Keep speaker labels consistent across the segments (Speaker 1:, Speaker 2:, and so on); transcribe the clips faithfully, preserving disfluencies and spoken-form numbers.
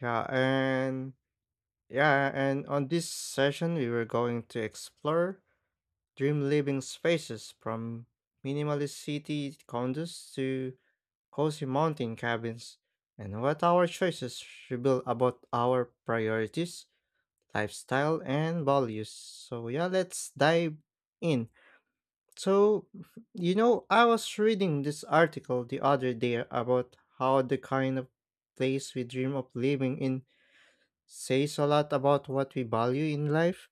Speaker 1: Yeah, and yeah, and on this session, we were going to explore dream living spaces from minimalist city condos to cozy mountain cabins, and what our choices reveal about our priorities, lifestyle, and values. So, yeah, let's dive in. So, you know, I was reading this article the other day about how the kind of place we dream of living in says a lot about what we value in life.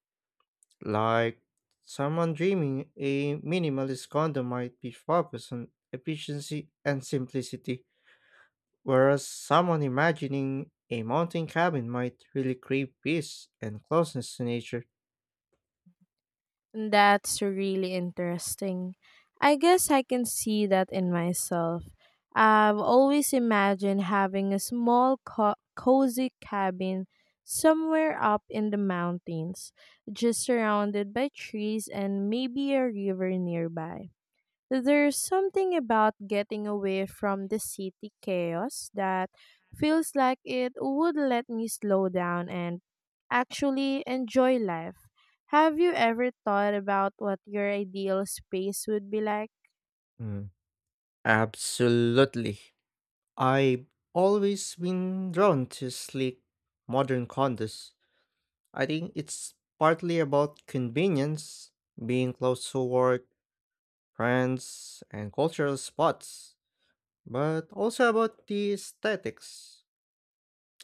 Speaker 1: Like someone dreaming a minimalist condo might be focused on efficiency and simplicity, whereas someone imagining a mountain cabin might really crave peace and closeness to nature.
Speaker 2: That's really interesting. I guess I can see that in myself. I've always imagined having a small, co- cozy cabin somewhere up in the mountains, just surrounded by trees and maybe a river nearby. There's something about getting away from the city chaos that feels like it would let me slow down and actually enjoy life. Have you ever thought about what your ideal space would be like?
Speaker 1: Mm. Absolutely. I've always been drawn to sleek, modern condos. I think it's partly about convenience, being close to work, trends, and cultural spots, but also about the aesthetics.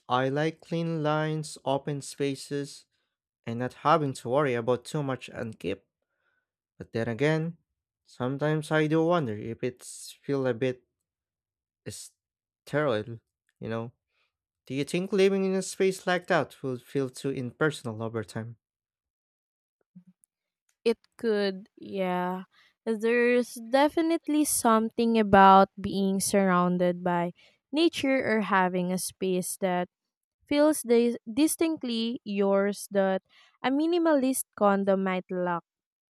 Speaker 1: I like clean lines, open spaces, and not having to worry about too much upkeep. But then again, sometimes I do wonder if it's feel a bit sterile, you know. Do you think living in a space like that will feel too impersonal over time?
Speaker 2: It could, yeah. There's definitely something about being surrounded by nature or having a space that feels dis- distinctly yours that a minimalist condo might lack.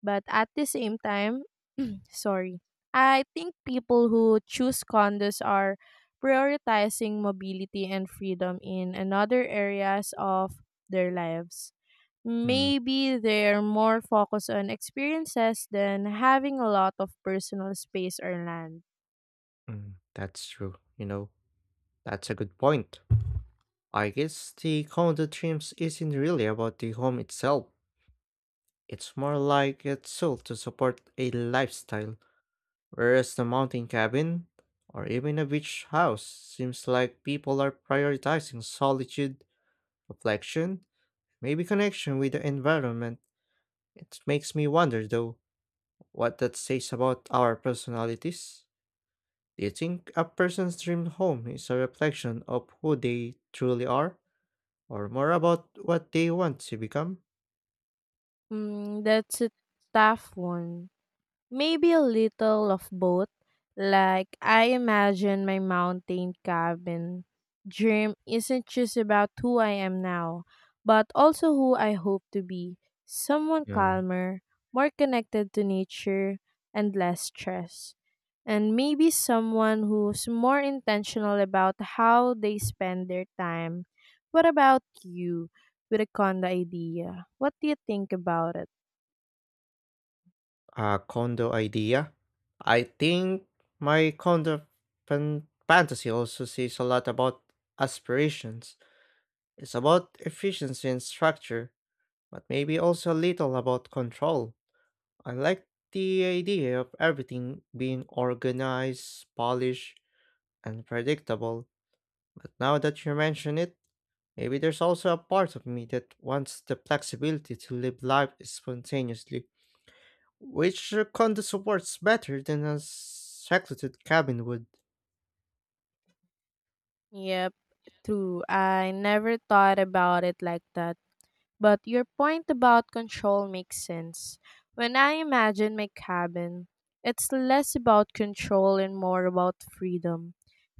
Speaker 2: But at the same time, sorry, I think people who choose condos are prioritizing mobility and freedom in another areas of their lives.
Speaker 1: Hmm.
Speaker 2: Maybe they're more focused on experiences than having a lot of personal space or land.
Speaker 1: Mm, that's true. You know, that's a good point. I guess the condo dreams isn't really about the home itself. It's more like it's sold to support a lifestyle, whereas the mountain cabin or even a beach house seems like people are prioritizing solitude, reflection, maybe connection with the environment. It makes me wonder though what that says about our personalities. Do you think a person's dream home is a reflection of who they truly are, or more about what they want to become?
Speaker 2: Mm, that's a tough one. Maybe a little of both. Like, I imagine my mountain cabin dream isn't just about who I am now, but also who I hope to be, someone calmer, more connected to nature, and less stressed. And maybe someone who's more intentional about how they spend their time. What about you with a condo idea? What do you think about it?
Speaker 1: A condo idea? I think my condo fan- fantasy also says a lot about aspirations. It's about efficiency and structure, but maybe also a little about control. I like the idea of everything being organized, polished, and predictable. But now that you mention it, maybe there's also a part of me that wants the flexibility to live life spontaneously, which uh, content supports better than a secluded cabin would.
Speaker 2: Yep, true. I never thought about it like that. But your point about control makes sense. When I imagine my cabin, it's less about control and more about freedom.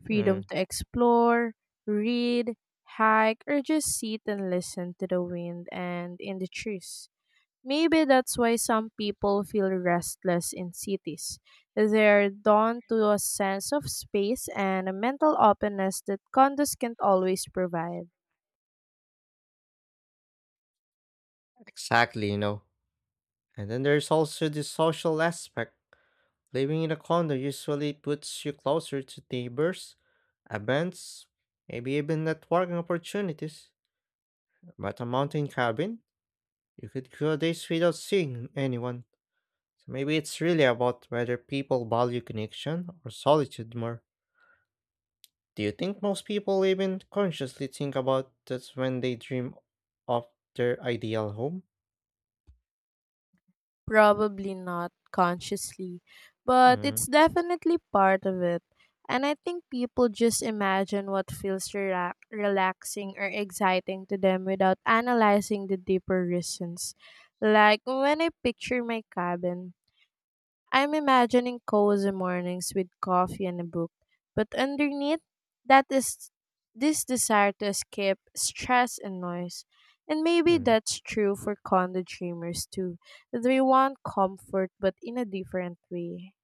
Speaker 2: Freedom
Speaker 1: Mm,
Speaker 2: to explore, read, hike, or just sit and listen to the wind and in the trees. Maybe that's why some people feel restless in cities. They're drawn to a sense of space and a mental openness that condos can't always provide.
Speaker 1: exactly, you know. And then there's also the social aspect. Living in a condo usually puts you closer to neighbors, events, maybe even networking opportunities. But a mountain cabin, you could go days without seeing anyone. So maybe it's really about whether people value connection or solitude more. Do you think most people even consciously think about this when they dream of their ideal home?
Speaker 2: Probably not consciously, but it's
Speaker 1: Mm.
Speaker 2: definitely part of it. And I think people just imagine what feels rela- relaxing or exciting to them without analyzing the deeper reasons. Like when I picture my cabin, I'm imagining cozy mornings with coffee and a book, but underneath that is this desire to escape stress and noise. And maybe
Speaker 1: Mm.
Speaker 2: that's true for condo dreamers too. They want comfort but in a different way.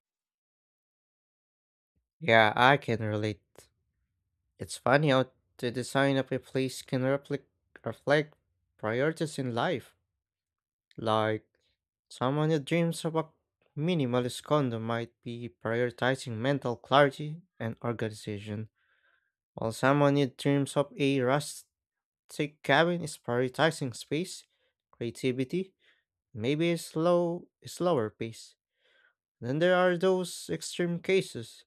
Speaker 1: Yeah, I can relate. It's funny how the design of a place can replic- reflect priorities in life. Like, someone who dreams of a minimalist condo might be prioritizing mental clarity and organization, while someone who dreams of a rustic cabin is prioritizing space, creativity, maybe a slow, a slower pace. Then there are those extreme cases,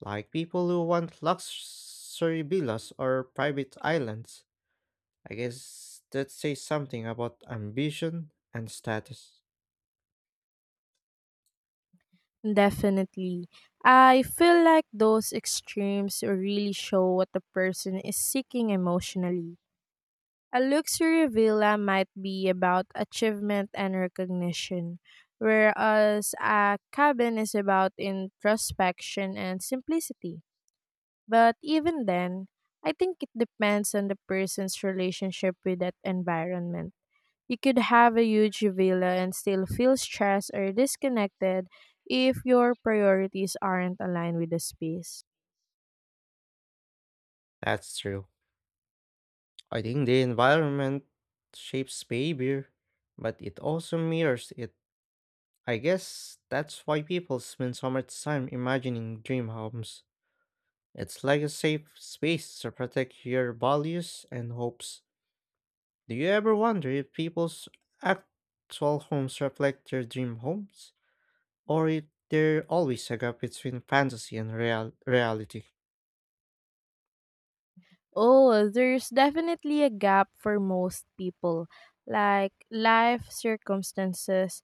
Speaker 1: like people who want luxury villas or private islands. I guess that says something about ambition and status.
Speaker 2: Definitely. I feel like those extremes really show what the person is seeking emotionally. A luxury villa might be about achievement and recognition, whereas a cabin is about introspection and simplicity. But even then, I think it depends on the person's relationship with that environment. You could have a huge villa and still feel stressed or disconnected if your priorities aren't aligned with the space.
Speaker 1: That's true. I think the environment shapes behavior, but it also mirrors it. I guess that's why people spend so much time imagining dream homes. It's like a safe space to protect your values and hopes. Do you ever wonder if people's actual homes reflect their dream homes? Or if there always a gap between fantasy and real- reality?
Speaker 2: Oh, there's definitely a gap for most people, like life circumstances,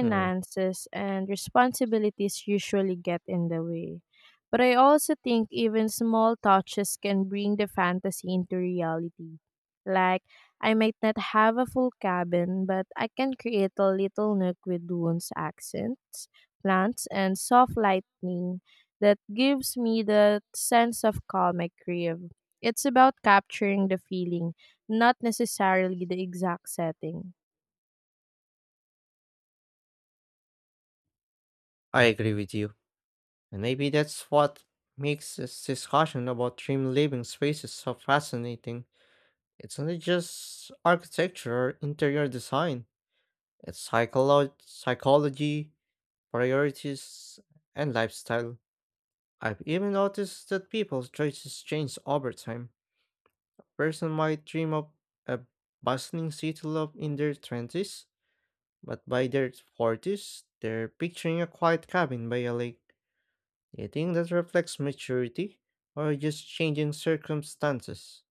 Speaker 1: Hmm.
Speaker 2: and responsibilities usually get in the way. But I also think even small touches can bring the fantasy into reality. Like, I might not have a full cabin, but I can create a little nook with wounds, accents, plants, and soft lightning that gives me the sense of calm I crave. It's about capturing the feeling, not necessarily the exact setting.
Speaker 1: I agree with you. And maybe that's what makes this discussion about dream living spaces so fascinating. It's not just architecture or interior design, it's psycholo- psychology, priorities, and lifestyle. I've even noticed that people's choices change over time. Person might dream of a bustling city life in their twenties, but by their forties, they're picturing a quiet cabin by a lake. Do you think that reflects maturity or just changing circumstances?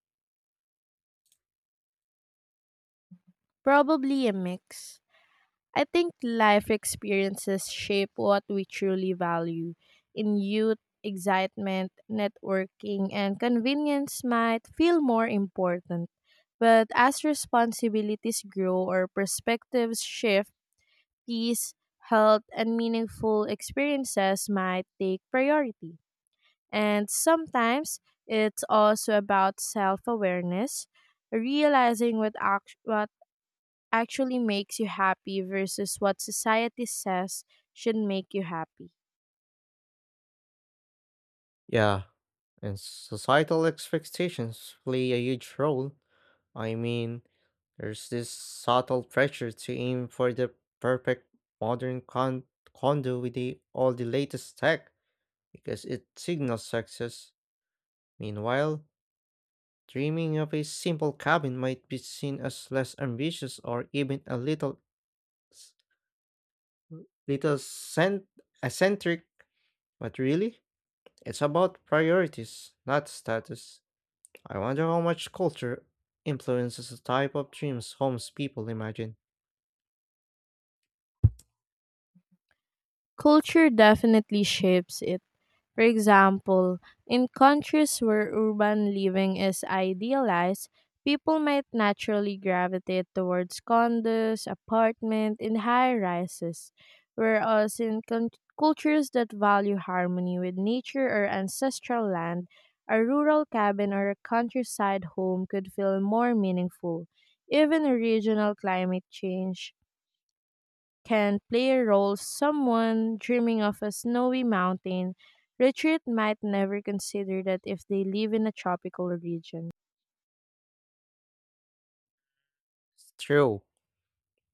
Speaker 2: Probably a mix. I think life experiences shape what we truly value. In youth, excitement, networking, and convenience might feel more important. But as responsibilities grow or perspectives shift, peace, health, and meaningful experiences might take priority. And sometimes it's also about self awareness, realizing what, act- what actually makes you happy versus what society says should make you happy.
Speaker 1: Yeah, and societal expectations play a huge role. I mean, there's this subtle pressure to aim for the perfect modern con- condo with the, all the latest tech because it signals success. Meanwhile, dreaming of a simple cabin might be seen as less ambitious or even a little s- little cent- eccentric, but really, it's about priorities, not status. I wonder how much culture influences the type of dreams homes people imagine.
Speaker 2: Culture definitely shapes it. For example, in countries where urban living is idealized, people might naturally gravitate towards condos, apartment, and high rises, whereas in con- cultures that value harmony with nature or ancestral land, a rural cabin or a countryside home could feel more meaningful. Even regional climate change can play a role, someone dreaming of a snowy mountain retreat might never consider that if they live in a tropical region.
Speaker 1: It's true.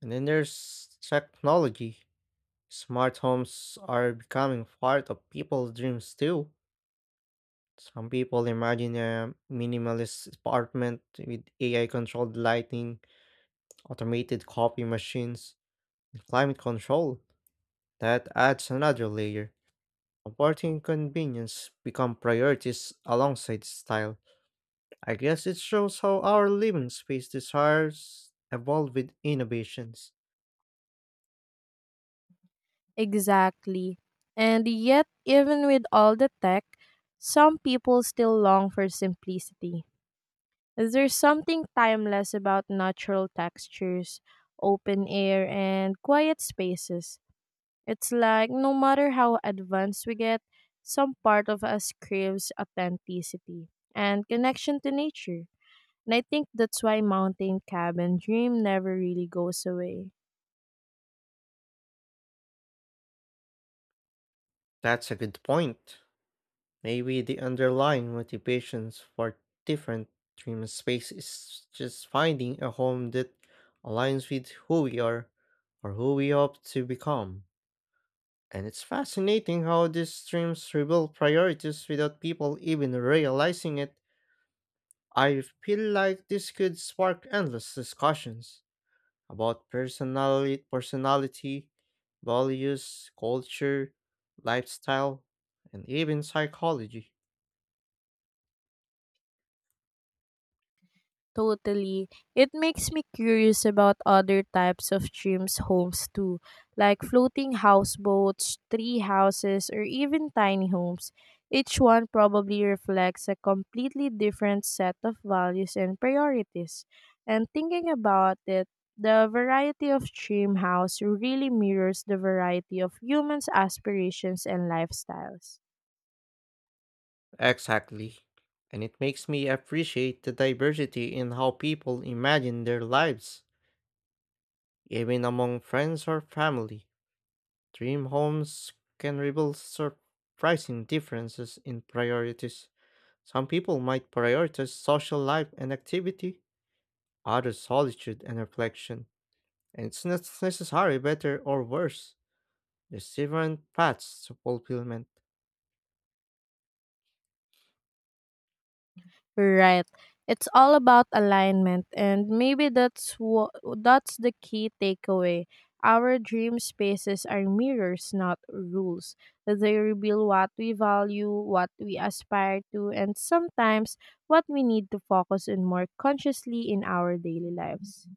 Speaker 1: And then there's technology. Smart homes are becoming part of people's dreams too. Some people imagine a minimalist apartment with A I controlled lighting, automated coffee machines, and climate control. That adds another layer. Comfort and convenience become priorities alongside style. I guess it shows how our living space desires evolve with innovations.
Speaker 2: Exactly. And yet, even with all the tech, some people still long for simplicity. There's something timeless about natural textures, open air, and quiet spaces. It's like no matter how advanced we get, some part of us craves authenticity and connection to nature. And I think that's why mountain cabin dream never really goes away.
Speaker 1: That's a good point. Maybe the underlying motivations for different dream space is just finding a home that aligns with who we are or who we hope to become. And it's fascinating how these streams reveal priorities without people even realizing it. I feel like this could spark endless discussions about personality, personality, values, culture, lifestyle, and even psychology.
Speaker 2: Totally. It makes me curious about other types of dreams homes too, like floating houseboats, tree houses, or even tiny homes. Each one probably reflects a completely different set of values and priorities. And thinking about it, the variety of dream house really mirrors the variety of humans' aspirations and lifestyles.
Speaker 1: Exactly. And it makes me appreciate the diversity in how people imagine their lives, even among friends or family. Dream homes can reveal surprising differences in priorities. Some people might prioritize social life and activity, others solitude and reflection. And it's not necessarily better or worse. There's different paths to fulfillment.
Speaker 2: Right. It's all about alignment and maybe that's what that's the key takeaway. Our dream spaces are mirrors, not rules. They reveal what we value, what we aspire to, and sometimes what we need to focus on more consciously in our daily lives.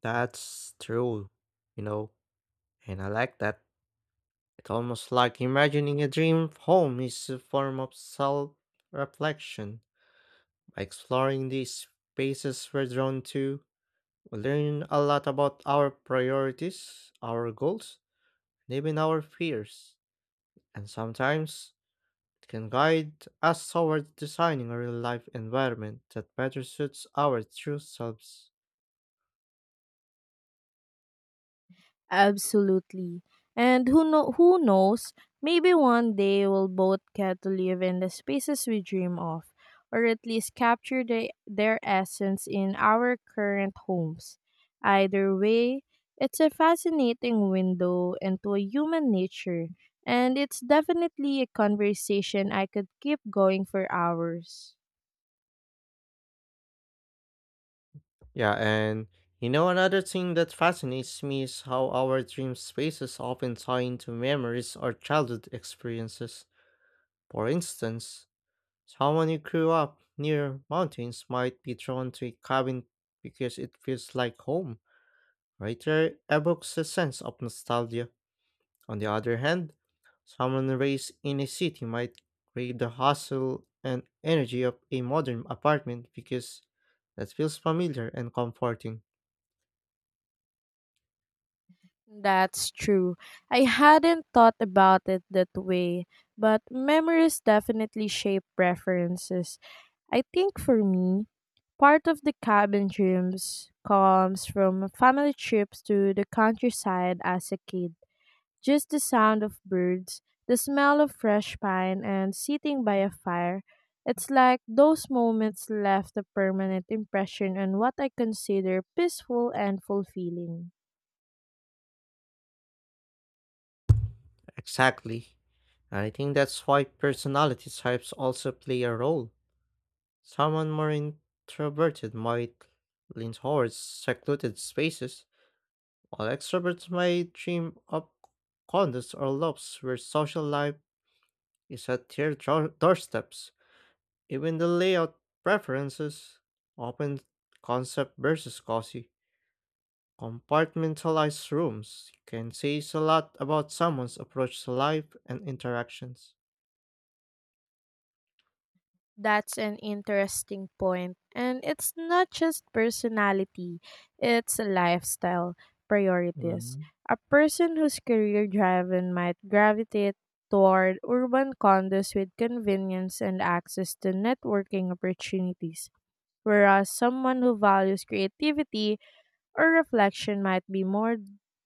Speaker 1: That's true, you know, and I like that. It's almost like imagining a dream home is a form of self reflection. By exploring these spaces we're drawn to, we learn a lot about our priorities, our goals, and even our fears. And sometimes it can guide us toward designing a real life environment that better suits our true selves.
Speaker 2: Absolutely. And who know who knows, maybe one day we'll both get to live in the spaces we dream of, or at least capture the, their essence in our current homes. Either way, it's a fascinating window into a human nature, and it's definitely a conversation I could keep going for hours.
Speaker 1: Yeah, and you know, another thing that fascinates me is how our dream spaces often tie into memories or childhood experiences. For instance, someone who grew up near mountains might be drawn to a cabin because it feels like home. Writer evokes a sense of nostalgia. On the other hand, someone raised in a city might crave the hustle and energy of a modern apartment because that feels familiar and comforting.
Speaker 2: That's true. I hadn't thought about it that way, but memories definitely shape preferences. I think for me, part of the cabin dreams comes from family trips to the countryside as a kid. Just the sound of birds, the smell of fresh pine, and sitting by a fire. It's like those moments left a permanent impression on what I consider peaceful and fulfilling.
Speaker 1: Exactly. And I think that's why personality types also play a role. Someone more introverted might lean towards secluded spaces, while extroverts might dream of condos or lofts where social life you set your dro- doorsteps. Even the layout preferences, open concept versus cozy. Compartmentalized rooms can say a lot about someone's approach to life and interactions.
Speaker 2: That's an interesting point. And it's not just personality, it's a lifestyle, priorities.
Speaker 1: Mhm.
Speaker 2: A person who's career driven might gravitate toward urban condos with convenience and access to networking opportunities, whereas someone who values creativity or reflection might be more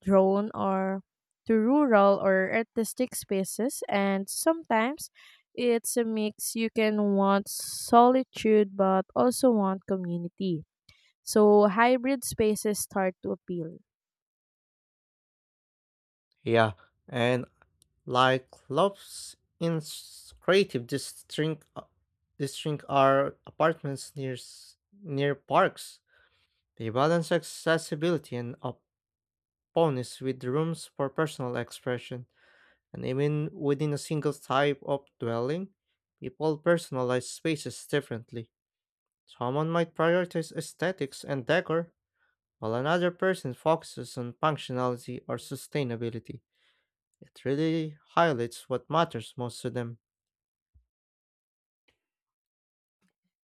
Speaker 2: drawn or to rural or artistic spaces, and sometimes it's a mix. You can want solitude but also want community, so hybrid spaces start to appeal.
Speaker 1: Yeah, and like lofts in s- creative district, uh, district are apartments near s- near parks. They balance accessibility and openness with rooms for personal expression. And even within a single type of dwelling, people personalize spaces differently. Someone might prioritize aesthetics and decor, while another person focuses on functionality or sustainability. It really highlights what matters most to them.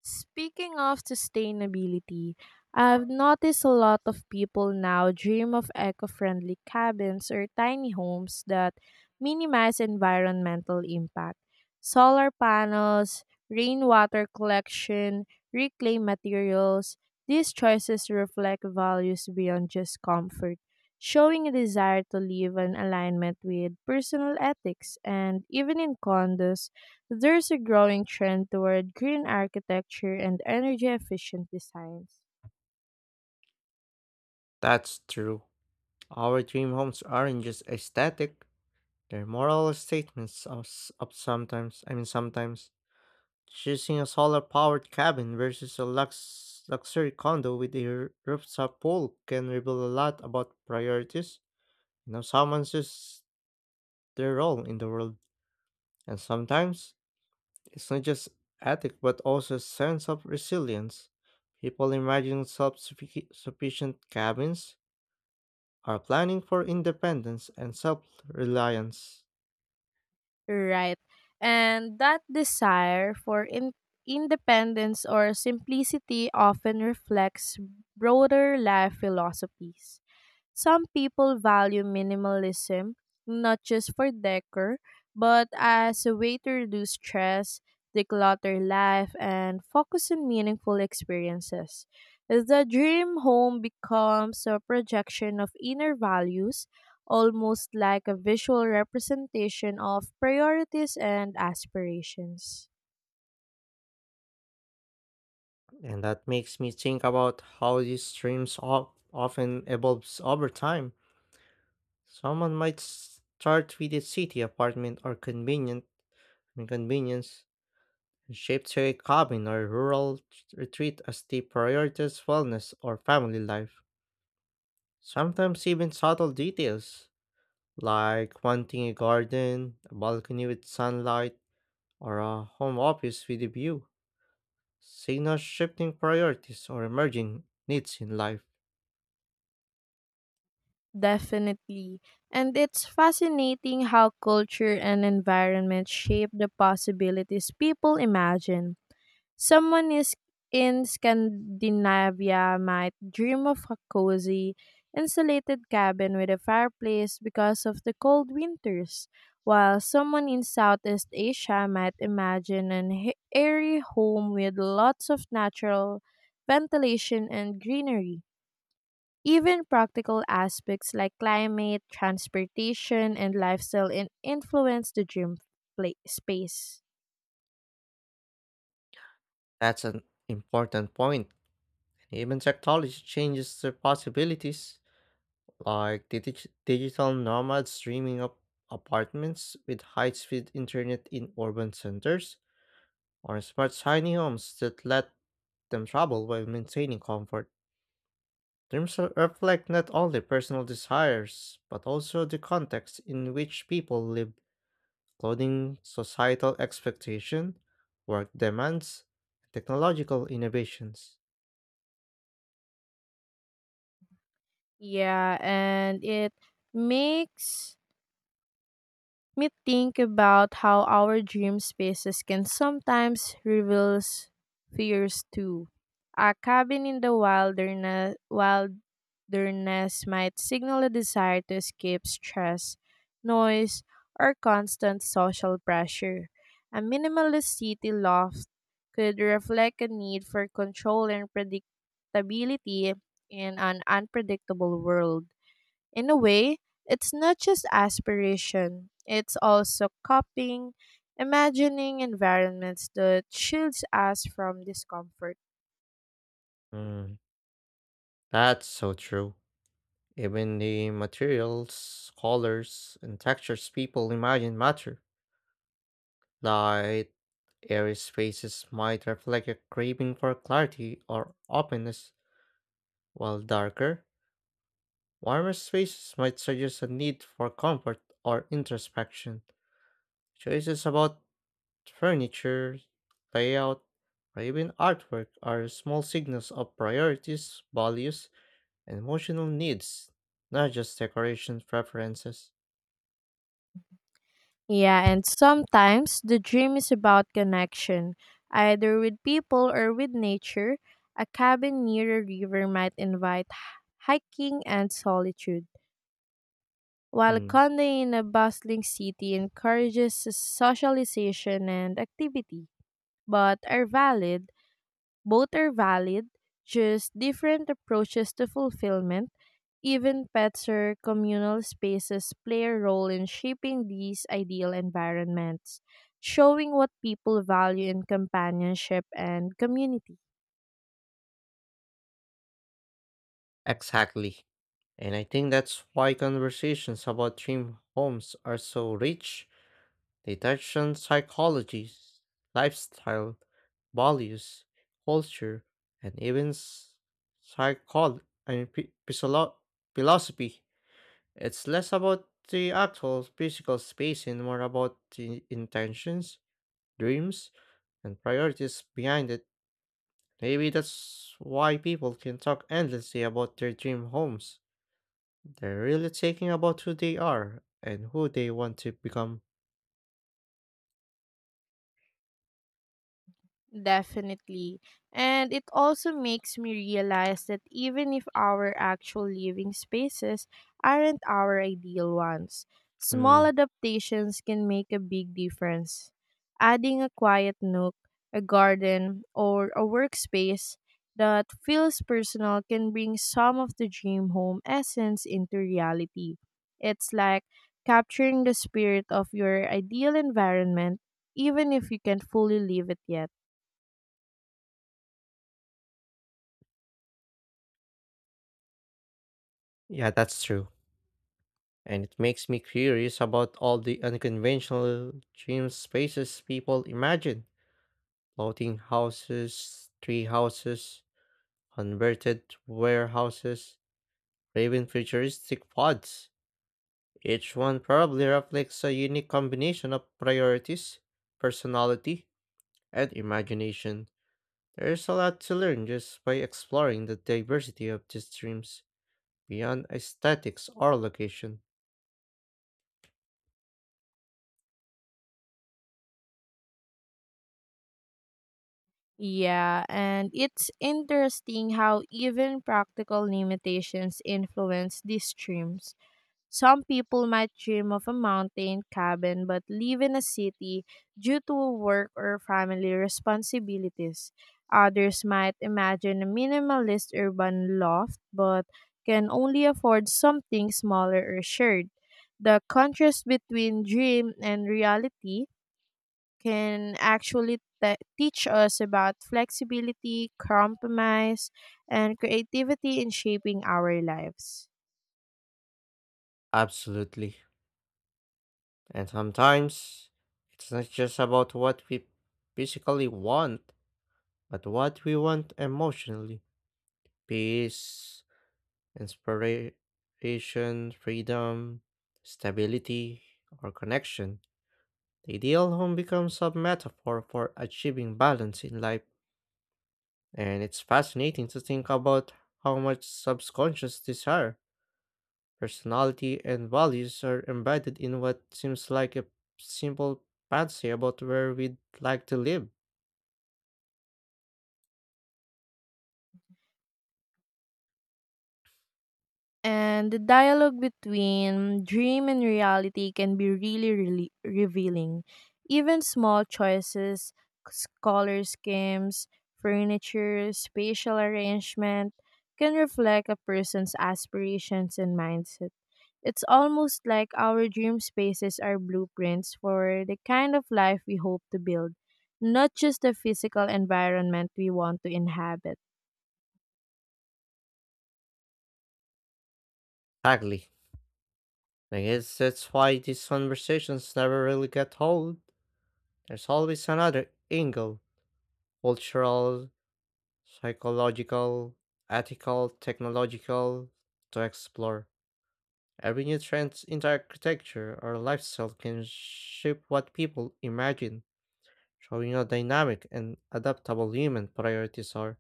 Speaker 2: Speaking of sustainability, I've noticed a lot of people now dream of eco friendly cabins or tiny homes that minimize environmental impact. Solar panels, rainwater collection, reclaimed materials, these choices reflect values beyond just comfort, showing a desire to live in alignment with personal ethics. And even in condos, there's a growing trend toward green architecture and energy efficient designs.
Speaker 1: That's true. Our dream homes aren't just aesthetic, they're moral statements of, s- of sometimes, I mean, sometimes. Choosing a solar powered cabin versus a lux- luxury condo with a r- rooftop pool can reveal a lot about priorities and how someone sees their role in the world. And sometimes it's not just ethic, but also a sense of resilience. People imagining self sufficient cabins are planning for independence and self reliance.
Speaker 2: Right. And that desire for in- independence or simplicity often reflects broader life philosophies. Some people value minimalism not just for decor, but as a way to reduce stress, declutter life, and focus on meaningful experiences. The dream home becomes a projection of inner values, almost like a visual representation of priorities and aspirations.
Speaker 1: And that makes me think about how these dreams of- often evolves over time. Someone might start with a city apartment or convenient inconvenience and shift to a cabin or rural retreat as they prioritize wellness or family life. Sometimes even subtle details like wanting a garden, a balcony with sunlight, or a home office with a view. Signal shifting priorities or emerging needs in life.
Speaker 2: Definitely. And it's fascinating how culture and environment shape the possibilities people imagine. Someone is in Scandinavia might dream of a cozy, insulated cabin with a fireplace because of the cold winters, while someone in Southeast Asia might imagine an h- airy home with lots of natural ventilation and greenery. Even practical aspects like climate, transportation, and lifestyle in- influence the dream pla- space.
Speaker 1: That's an important point. Even technology changes the possibilities. Like the dig- digital nomads streaming up apartments with high-speed internet in urban centers, or smart tiny homes that let them travel while maintaining comfort. Terms re- reflect not only personal desires, but also the context in which people live, including societal expectation, work demands, and technological innovations.
Speaker 2: Yeah, and it makes me think about how our dream spaces can sometimes reveal fears too. A cabin in the wilderness, wilderness might signal a desire to escape stress, noise, or constant social pressure. A minimalist city loft could reflect a need for control and predictability in an unpredictable world. In a way, it's not just aspiration, it's also coping, imagining environments that shields us from discomfort.
Speaker 1: Mm, that's so true. Even the materials, colors, and textures people imagine matter. Light, airy spaces might reflect a craving for clarity or openness, while darker, warmer spaces might suggest a need for comfort or introspection. Choices about furniture, layout, or even artwork are small signals of priorities, values, and emotional needs, not just decoration preferences.
Speaker 2: Yeah, and sometimes the dream is about connection, either with people or with nature. A cabin near a river might invite h- hiking and solitude, while a
Speaker 1: Hmm.
Speaker 2: condo in a bustling city encourages socialization and activity, but are valid both are valid, just different approaches to fulfillment. Even pets or communal spaces play a role in shaping these ideal environments, showing what people value in companionship and community.
Speaker 1: Exactly. And I think that's why conversations about dream homes are so rich. They touch on psychology, lifestyle, values, culture, and even psychol I mean, phy- physolo- philosophy. It's less about the actual physical space and more about the intentions, dreams, and priorities behind it. Maybe that's why people can talk endlessly about their dream homes. They're really thinking about who they are and who they want to become.
Speaker 2: Definitely. And it also makes me realize that even if our actual living spaces aren't our ideal ones, small
Speaker 1: Hmm.
Speaker 2: adaptations can make a big difference. Adding a quiet nook, a garden, or a workspace that feels personal can bring some of the dream home essence into reality. It's like capturing the spirit of your ideal environment, even if you can't fully live it yet.
Speaker 1: Yeah, that's true. And it makes me curious about all the unconventional dream spaces people imagine. Floating houses, tree houses, converted warehouses, or even futuristic pods. Each one probably reflects a unique combination of priorities, personality, and imagination. There's a lot to learn just by exploring the diversity of these streams beyond aesthetics or location.
Speaker 2: Yeah, and it's interesting how even practical limitations influence these dreams. Some people might dream of a mountain cabin but live in a city due to work or family responsibilities. Others might imagine a minimalist urban loft but can only afford something smaller or shared. The contrast between dream and reality can actually te- teach us about flexibility, compromise, and creativity in shaping our lives.
Speaker 1: Absolutely. And sometimes it's not just about what we physically want, but what we want emotionally. Peace, inspiration, freedom, stability, or connection. The ideal home becomes a metaphor for achieving balance in life. And it's fascinating to think about how much subconscious desire, personality, and values are embedded in what seems like a simple fancy about where we'd like to live.
Speaker 2: And the dialogue between dream and reality can be really, really revealing. Even small choices, s- color schemes, furniture, spatial arrangement can reflect a person's aspirations and mindset. It's almost like our dream spaces are blueprints for the kind of life we hope to build, not just the physical environment we want to inhabit.
Speaker 1: Exactly. I guess that's why these conversations never really get old. There's always another angle, cultural, psychological, ethical, technological, to explore. Every new trend in architecture or lifestyle can shape what people imagine, showing how dynamic and adaptable human priorities are.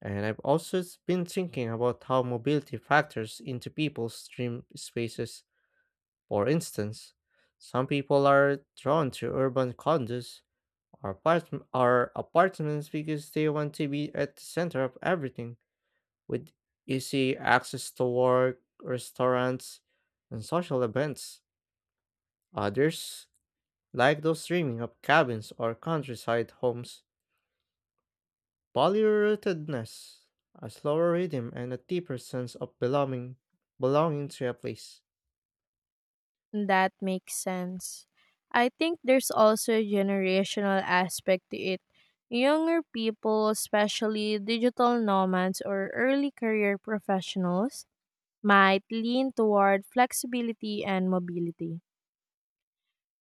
Speaker 1: And I've also s- been thinking about how mobility factors into people's dream spaces. For instance, some people are drawn to urban condos or, apart- or apartments because they want to be at the center of everything, with easy access to work, restaurants, and social events. Others like those dreaming of cabins or countryside homes polyrootedness, a slower rhythm and a deeper sense of belonging, belonging to a place.
Speaker 2: That makes sense. I think there's also a generational aspect to it. Younger people, especially digital nomads or early career professionals, might lean toward flexibility and mobility,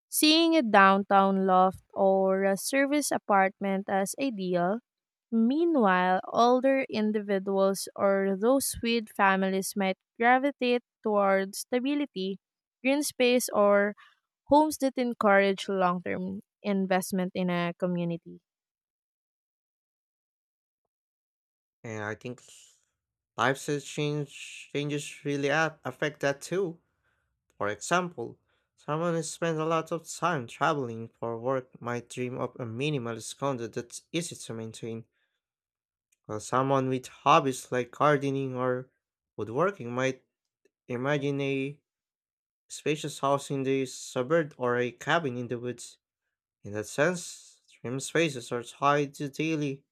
Speaker 2: seeing a downtown loft or a service apartment as ideal. Meanwhile, older individuals or those with families might gravitate towards stability, green space, or homes that encourage long-term investment in a community.
Speaker 1: And I think lifestyle change changes really a- affect that too. For example, someone who spends a lot of time traveling for work might dream of a minimalist condo that's easy to maintain, while someone with hobbies like gardening or woodworking might imagine a spacious house in the suburb or a cabin in the woods. In that sense, dream spaces are tied to daily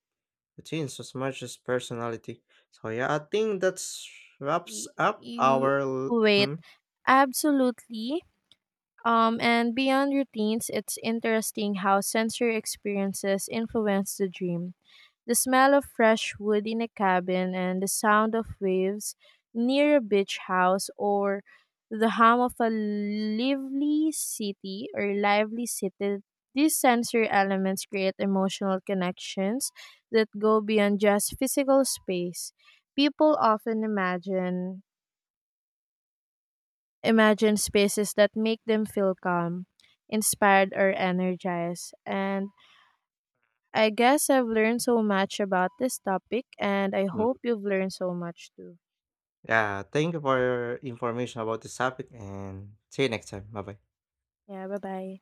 Speaker 1: routines as much as personality. So yeah, I think that's wraps
Speaker 2: Y-
Speaker 1: up
Speaker 2: You
Speaker 1: our. l-
Speaker 2: wait,
Speaker 1: Hmm?
Speaker 2: absolutely. Um, and beyond routines, it's interesting how sensory experiences influence the dream. The smell of fresh wood in a cabin and the sound of waves near a beach house or the hum of a lively city or lively city. These sensory elements create emotional connections that go beyond just physical space. People often imagine imagine spaces that make them feel calm, inspired or energized, and I guess I've learned so much about this topic, and I
Speaker 1: Mm.
Speaker 2: hope you've learned so much too.
Speaker 1: Yeah, thank you for your information about this topic and see you next time. Bye bye.
Speaker 2: Yeah, bye bye.